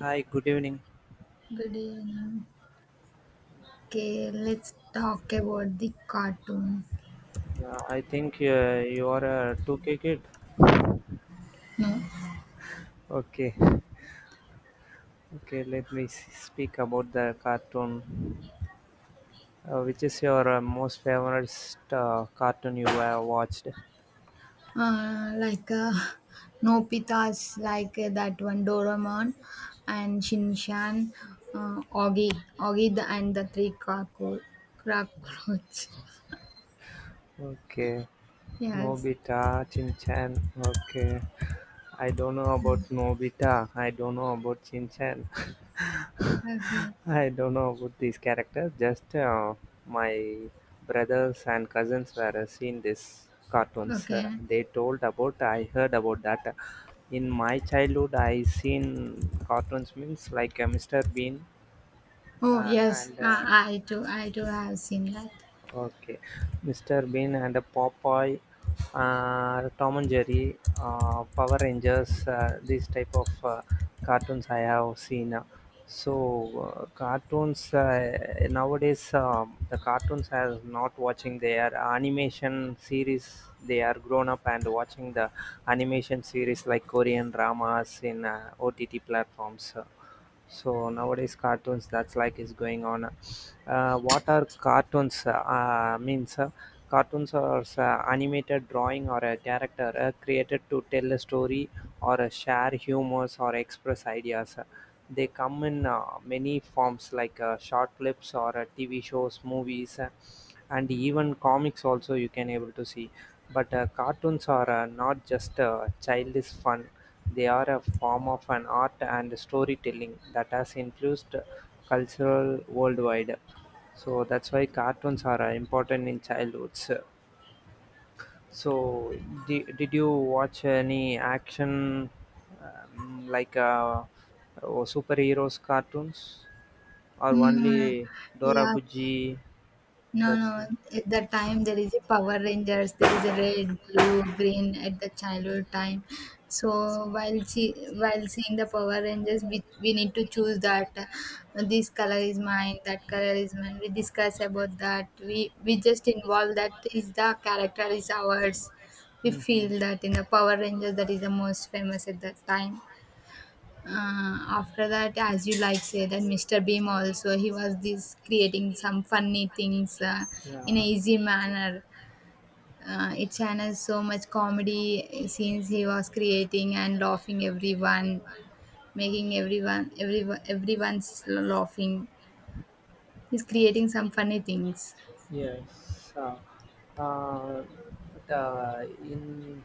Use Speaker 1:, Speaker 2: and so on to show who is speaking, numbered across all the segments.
Speaker 1: Hi, good evening.
Speaker 2: Good evening. Okay, let's talk about the cartoon.
Speaker 1: Yeah, I think you are a 2K kid.
Speaker 2: No,
Speaker 1: Okay, okay, let me speak about the cartoon. Which is your most favorite cartoon you have watched?
Speaker 2: uh, like uh, Nobita's that one Doraemon and Shinshan, Oggy, Oggy the, and the three cockroach. Cockroach.
Speaker 1: Okay,
Speaker 2: Yes.
Speaker 1: Nobita, Chin Chan. Okay, I don't know about Nobita. I don't know about Chin Chan.
Speaker 2: Okay.
Speaker 1: I don't know about these characters. Just my brothers and cousins were seeing these cartoons.
Speaker 2: Okay.
Speaker 1: They told about. I heard about that. In my childhood, I seen cartoons means like Mr. Bean
Speaker 2: Oh yes.
Speaker 1: and
Speaker 2: I too. I too have seen that.
Speaker 1: okay, Mr. Bean and Popeye, Tom and Jerry, Power Rangers, these type of cartoons I have seen. So cartoons nowadays, the cartoons are not watching. They are animation series. They are grown up and watching the animation series like Korean dramas in OTT platforms. So nowadays cartoons that's like is going on. What are cartoons? Means cartoons are animated drawing or a character created to tell a story or share humors or express ideas. They come in many forms like short clips or TV shows, movies, and even comics. Also, you can able to see. But cartoons are not just childish fun, they are a form of an art and storytelling that has influenced cultural worldwide. So that's why cartoons are important in childhoods. So did you watch any action like oh, superheroes cartoons or
Speaker 2: Mm,
Speaker 1: only Dora
Speaker 2: yeah.
Speaker 1: Buji?
Speaker 2: No,
Speaker 1: That's
Speaker 2: no. At that time, there is a Power Rangers. There is a red, blue, green at the childhood time. So while seeing the Power Rangers, we need to choose that this color is mine, that color is mine. We discuss about that. We just involve that is the character is ours. We
Speaker 1: mm-hmm.
Speaker 2: feel that in the Power Rangers that is the most famous at that time. After that, as you like say that Mr. Beam also, he was this creating some funny things in a easy manner. It channels so much comedy scenes, he was creating and laughing everyone, making everyone everyone's laughing, he's creating some funny things.
Speaker 1: Yes. So, Uh, uh, the in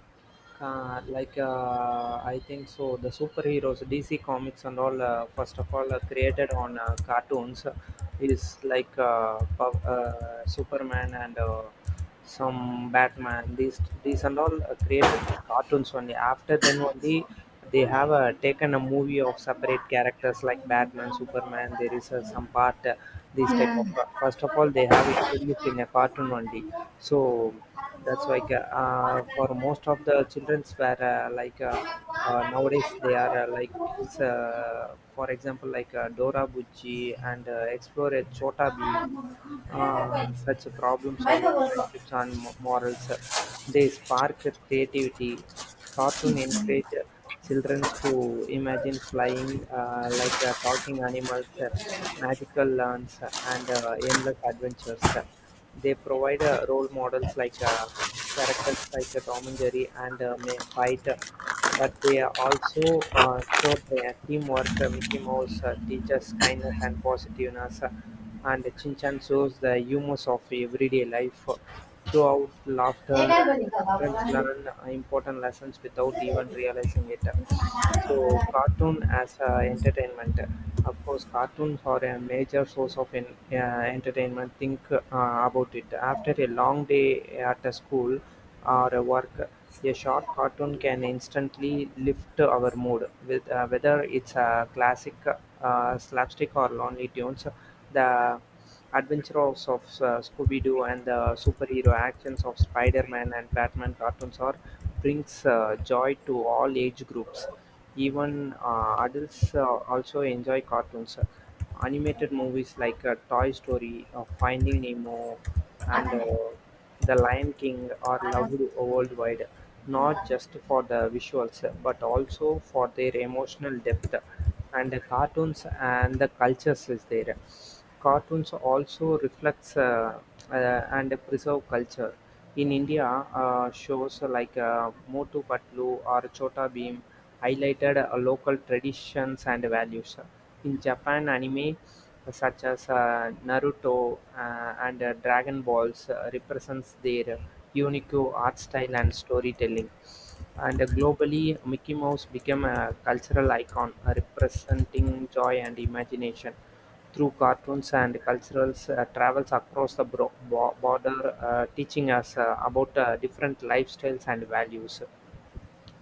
Speaker 1: like I think so. The superheroes, DC comics, and all. First of all, are created on cartoons. Is like Superman and some Batman. These and all created cartoons only. After then only they have taken a movie of separate characters like Batman, Superman. There is some part, these type
Speaker 2: Yeah.
Speaker 1: of, first of all they have introduced in a cartoon only. So that's like for most of the childrens were like nowadays they are like for example like Dora Bujji and Explorer Chota Beam, such problem solving friendships and morals. They spark creativity. Cartoon
Speaker 2: Okay.
Speaker 1: encourage children to imagine flying like talking animals, magical lands, and endless adventures. They provide role models like characters like Tom and Jerry, and may fight, but they are also show their teamwork. Mickey Mouse teaches kindness and positiveness. And Shin-chan shows the humors of everyday life throughout laughter, and children learn important lessons without even realizing it. So, cartoon as entertainment. Of course, cartoons are a major source of entertainment. Think about it. After a long day at the school, our work, a short cartoon can instantly lift our mood. With whether it's a classic slapstick or lonely tunes, the adventures of Scooby-Doo and the superhero actions of Spider-Man and Batman cartoons are brings joy to all age groups. Even adults also enjoy cartoons. Animated movies like Toy Story, Finding Nemo, and the Lion King are loved worldwide, not just for the visuals but also for their emotional depth and the cartoons and the cultures is there. Cartoons also reflects and preserve culture. In India, shows like Motu Patlu or Chota Bheem highlighted local traditions and values. In Japan, anime such as Naruto and Dragon Balls represents their unique art style and storytelling. And globally, Mickey Mouse became a cultural icon representing joy and imagination through cartoons, and cultural travels across the border, teaching us about different lifestyles and values.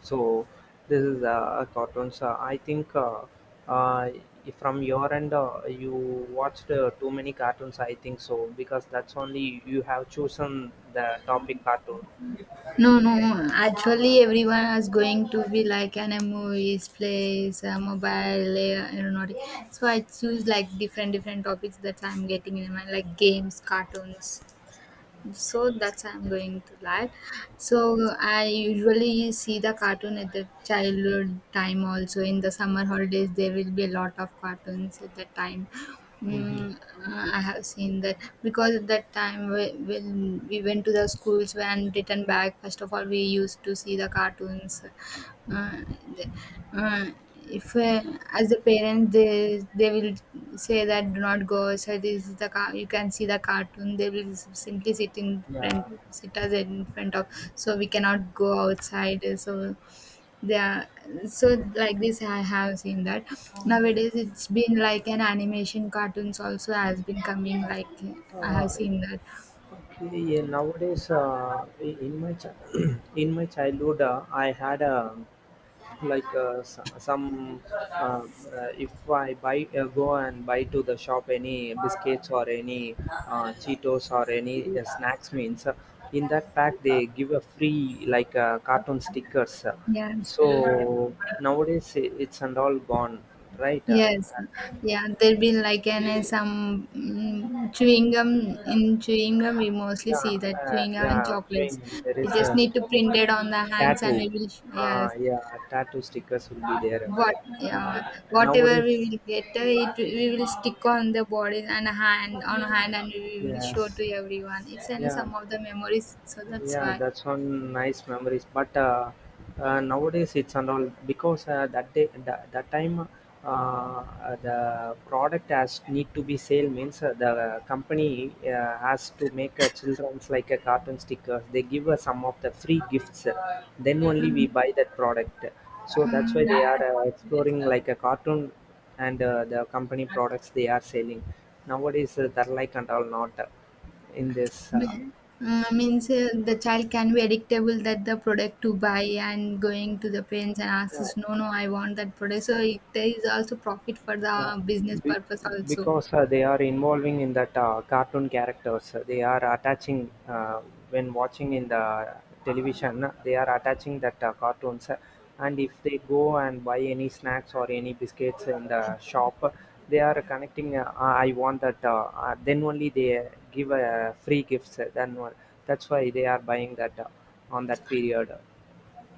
Speaker 1: So this is cartoons. I think uh, from your end, you watched too many cartoons. I think so because that's only you have chosen the topic cartoon.
Speaker 2: No. Actually, everyone is going to be like an movies, plays, mobile, aeronautic. So I choose like different different topics that I'm getting in my like games, cartoons, so that's why I'm going to that. So I usually see the cartoon at the childhood time. Also in the summer holidays there will be a lot of cartoons at that time. Mm, I have seen that, because at that time when we went to the schools, when returned back, first of all we used to see the cartoons. Uh, uh, if As a parent, they will say that do not go, so this is the car, you can see the cartoon. They will simply sit in
Speaker 1: Yeah.
Speaker 2: front, sit us in front of, so we cannot go outside. So they are, so like this I have seen that. Nowadays it's been like an animation cartoons also has been coming like, I have
Speaker 1: Uh,
Speaker 2: seen that.
Speaker 1: okay. Yeah, nowadays, in my childhood, I had a like some if I buy go and buy to the shop any biscuits or any cheetos or any snacks means, in that pack they give a free like cartoon stickers,
Speaker 2: Yes.
Speaker 1: so nowadays it's and all gone, right?
Speaker 2: Yes, yeah, there've been like an some mm, chewing gum. In chewing gum, we mostly
Speaker 1: Yeah.
Speaker 2: see that chewing gum and
Speaker 1: Yeah,
Speaker 2: chocolates.
Speaker 1: when there
Speaker 2: We
Speaker 1: is
Speaker 2: just
Speaker 1: a
Speaker 2: need to
Speaker 1: sticker
Speaker 2: print it on the hands, and
Speaker 1: tattoo,
Speaker 2: we will yes,
Speaker 1: yeah, tattoo stickers will be there.
Speaker 2: what,
Speaker 1: uh,
Speaker 2: yeah, whatever we
Speaker 1: Nowadays,
Speaker 2: will get, it we will stick on the body and hand on hand, and we will show
Speaker 1: yes.
Speaker 2: to everyone. It's in
Speaker 1: Yeah.
Speaker 2: some of the memories, so that's
Speaker 1: Yeah,
Speaker 2: why.
Speaker 1: that's one nice memories. But nowadays it's and all because that day, that time, the product has need to be sale means the company has to make children's like a cartoon stickers. They give us some of the free gifts. Then only
Speaker 2: Mm,
Speaker 1: we buy that product. So that's
Speaker 2: mm.
Speaker 1: why they are exploring like a cartoon, and the company products they are selling. Nowadays they're like and all not in this.
Speaker 2: Me- means The child can be addictable that the product to buy, and going to the parents and
Speaker 1: Yeah.
Speaker 2: asks, no no, I want that product. So it is also profit for the
Speaker 1: Yeah,
Speaker 2: business
Speaker 1: be-
Speaker 2: purpose also.
Speaker 1: because they are involving in that cartoon characters. They are attaching when watching in the television. They are attaching that cartoons, and if they go and buy any snacks or any biscuits in the shop, they are connecting. I want that. Then only they give free gifts. That's why they are buying that on that period.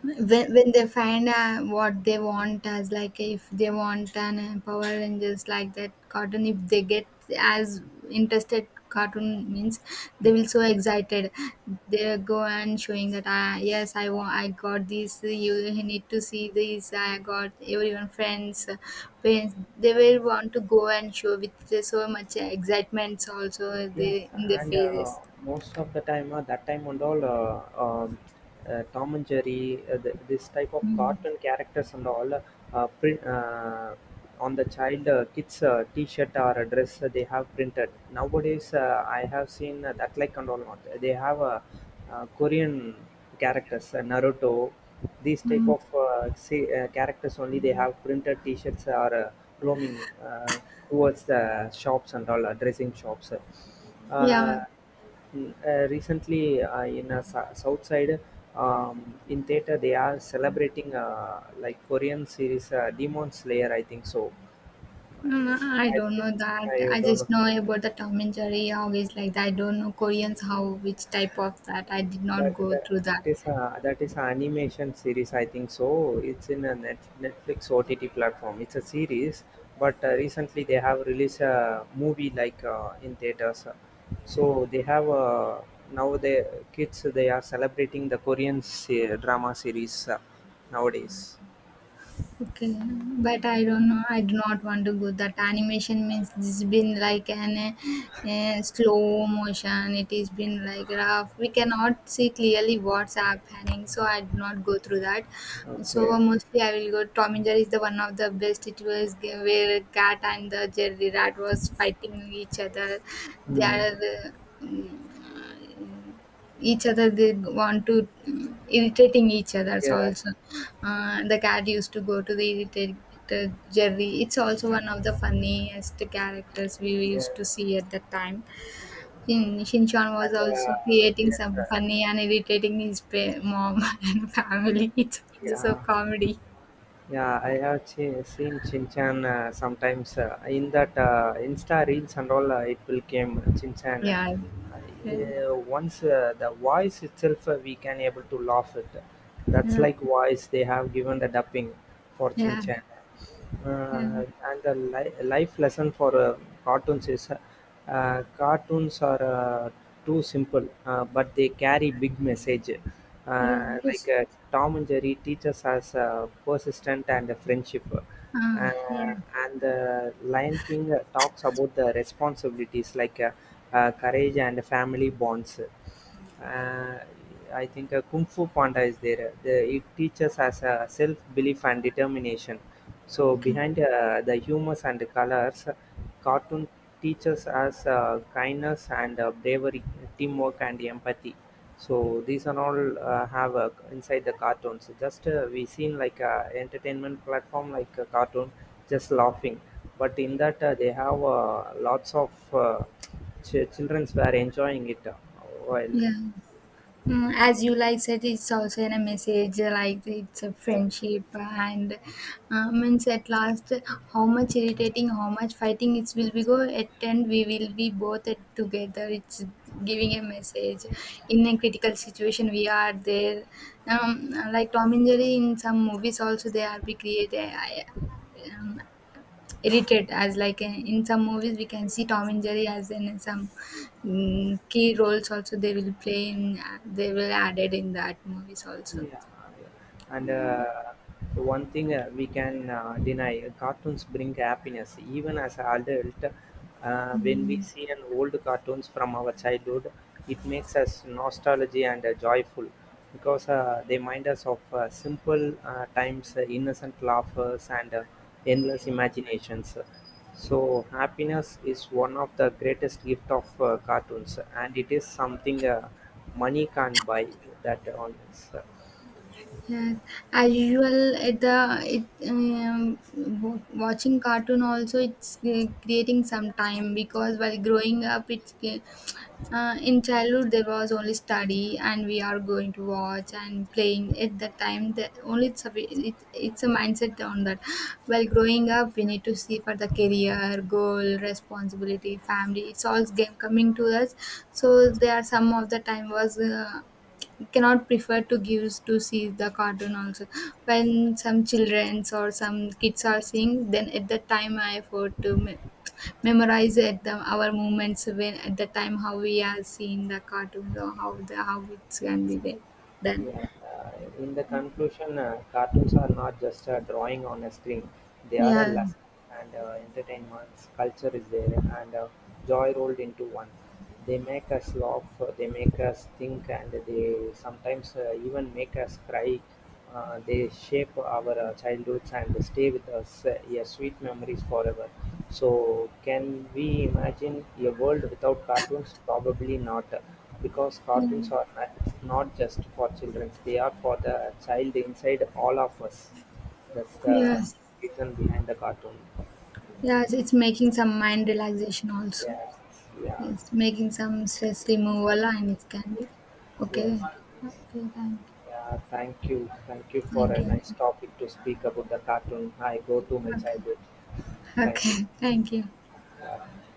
Speaker 2: When they find what they want, as like if they want an Power Rangers like that cartoon, if they get as interested cartoon means, they will so excited, they go and showing that, ah yes, I want, I got this, you need to see this, I got, everyone, friends, parents, they will want to go and show with so much excitement also
Speaker 1: Yes,
Speaker 2: they in their
Speaker 1: and
Speaker 2: faces.
Speaker 1: most of the time, that time and all, Tom and Jerry, this type of
Speaker 2: Mm.
Speaker 1: cartoon characters and all, print on the child kids' T-shirt or a dress, they have printed. Nowadays, I have seen that like and all not. They have a, Korean characters, naruto, these type
Speaker 2: Mm.
Speaker 1: of say, characters only they have printed t-shirts are roaming towards the shops and all dressing shops.
Speaker 2: Yeah.
Speaker 1: Recently in south side, in theater they are celebrating like korean series, demon slayer I think so.
Speaker 2: Mm, I
Speaker 1: i,
Speaker 2: don't know
Speaker 1: I,
Speaker 2: that.
Speaker 1: I
Speaker 2: I
Speaker 1: don't
Speaker 2: just
Speaker 1: know.
Speaker 2: know about the Tom and Jerry, always like that. I don't know Koreans how which type of that. I did not
Speaker 1: That,
Speaker 2: go through
Speaker 1: that, that
Speaker 2: that.
Speaker 1: is a that is an animation series, I think so. It's in a Net, Netflix OTT platform. It's a series, but recently they have released a movie like in theaters. So they have now the kids they are celebrating the Korean drama series nowadays.
Speaker 2: Okay, but I don't know. I do not want to go. That animation means it's been like an slow motion. It is been like rough. We cannot see clearly what's happening. So I do not go through that. So
Speaker 1: Okay.
Speaker 2: mostly I will go. Tom and Jerry is the one of the best. It was where cat and the Jerry rat was fighting each other. They
Speaker 1: Mm.
Speaker 2: are. Uh, each other they want to mm, irritating each other. It's
Speaker 1: Yes,
Speaker 2: also the cat used to go to the irritated Jerry. It's also one of the funniest characters we
Speaker 1: yes,
Speaker 2: used to see at that time. Shinchan was
Speaker 1: and
Speaker 2: also creating
Speaker 1: yes,
Speaker 2: some funny and irritating his mom and family. It's just a
Speaker 1: yeah.
Speaker 2: comedy.
Speaker 1: Yeah, I have seen Chinchan sometimes in that Insta reels and all. It will came Chinchan. Uh,
Speaker 2: Yeah. Yeah.
Speaker 1: once the voice itself, we can able to laugh it. That's
Speaker 2: Yeah.
Speaker 1: like voice they have given the dubbing for
Speaker 2: Yeah.
Speaker 1: Chinchan,
Speaker 2: Yeah.
Speaker 1: and the life lesson for cartoons is cartoons are too simple but they carry big message,
Speaker 2: Yeah.
Speaker 1: like tom and jerry teaches us persistent and friendship,
Speaker 2: Ah, yeah.
Speaker 1: and the lion king talks about the responsibilities like courage and family bonds. I think kung fu panda is there, the, it teaches us self-belief and determination, so
Speaker 2: Okay.
Speaker 1: behind the humors and the colors, cartoon teaches us kindness and bravery, teamwork and empathy. So these are all have inside the cartoons. Just we seen like a entertainment platform like a cartoon, just laughing. But in that they have lots of childrens were enjoying it while.
Speaker 2: Yeah. Mm, as you like said, it's also in a message, like it's a
Speaker 1: Yeah.
Speaker 2: friendship, and means at last, how much irritating, how much fighting it will be go, at end we will be both at together. It's giving a message, in a critical situation we are there. Um, like Tom and Jerry in some movies also they are be created. Um, Irritate, as like in some movies we can see Tom and Jerry as in some mm, key roles also they will play in, they will added in that movies also.
Speaker 1: Yeah, yeah. And the one thing we can deny: cartoons bring happiness. Even as an adult, when we
Speaker 2: Mm.
Speaker 1: see an old cartoons from our childhood, it makes us nostalgic and joyful because they remind us of simple times, innocent laughers, and endless imaginations. So, happiness is one of the greatest gift of cartoons, and it is something money can't buy. That on. Its.
Speaker 2: Yes, as usual, watching cartoon also it's creating some time, because while growing up, in childhood there was only study and we are going to watch and playing at that time. That only it's a, it's a mindset on that. While growing up, we need to see for the career, goal, responsibility, family. It's all game coming to us. So there are some of the time was. Cannot prefer to give to see the cartoon also. When some childrens or some kids are seeing, then at that time I effort to memorize at the our moments when, at the time how we are seeing the cartoons, or how the how it can be there, then.
Speaker 1: Yeah. In the conclusion, cartoons are not just a drawing on a screen. They are a
Speaker 2: Yeah.
Speaker 1: lesson and entertainment. Culture is there, and joy rolled into one. They make us laugh, they make us think, and they sometimes even make us cry. They shape our childhoods and stay with us, yeah, sweet memories forever. So, can we imagine a world without cartoons? Probably not, because
Speaker 2: Yeah.
Speaker 1: cartoons are not just for children, they are for the child inside all of us. That's the
Speaker 2: Yes.
Speaker 1: reason behind the cartoon.
Speaker 2: Yes, it's making some mind relaxation also.
Speaker 1: Yes, yeah,
Speaker 2: Yes, making some stress removal, and it can be okay.
Speaker 1: yes.
Speaker 2: Okay, thank you.
Speaker 1: Yeah, thank you. Thank you for
Speaker 2: Thank
Speaker 1: a
Speaker 2: you.
Speaker 1: nice topic to speak about the cartoon. I go to my
Speaker 2: Okay.
Speaker 1: childhood. Thank you.
Speaker 2: Okay, thank you.
Speaker 1: Bye.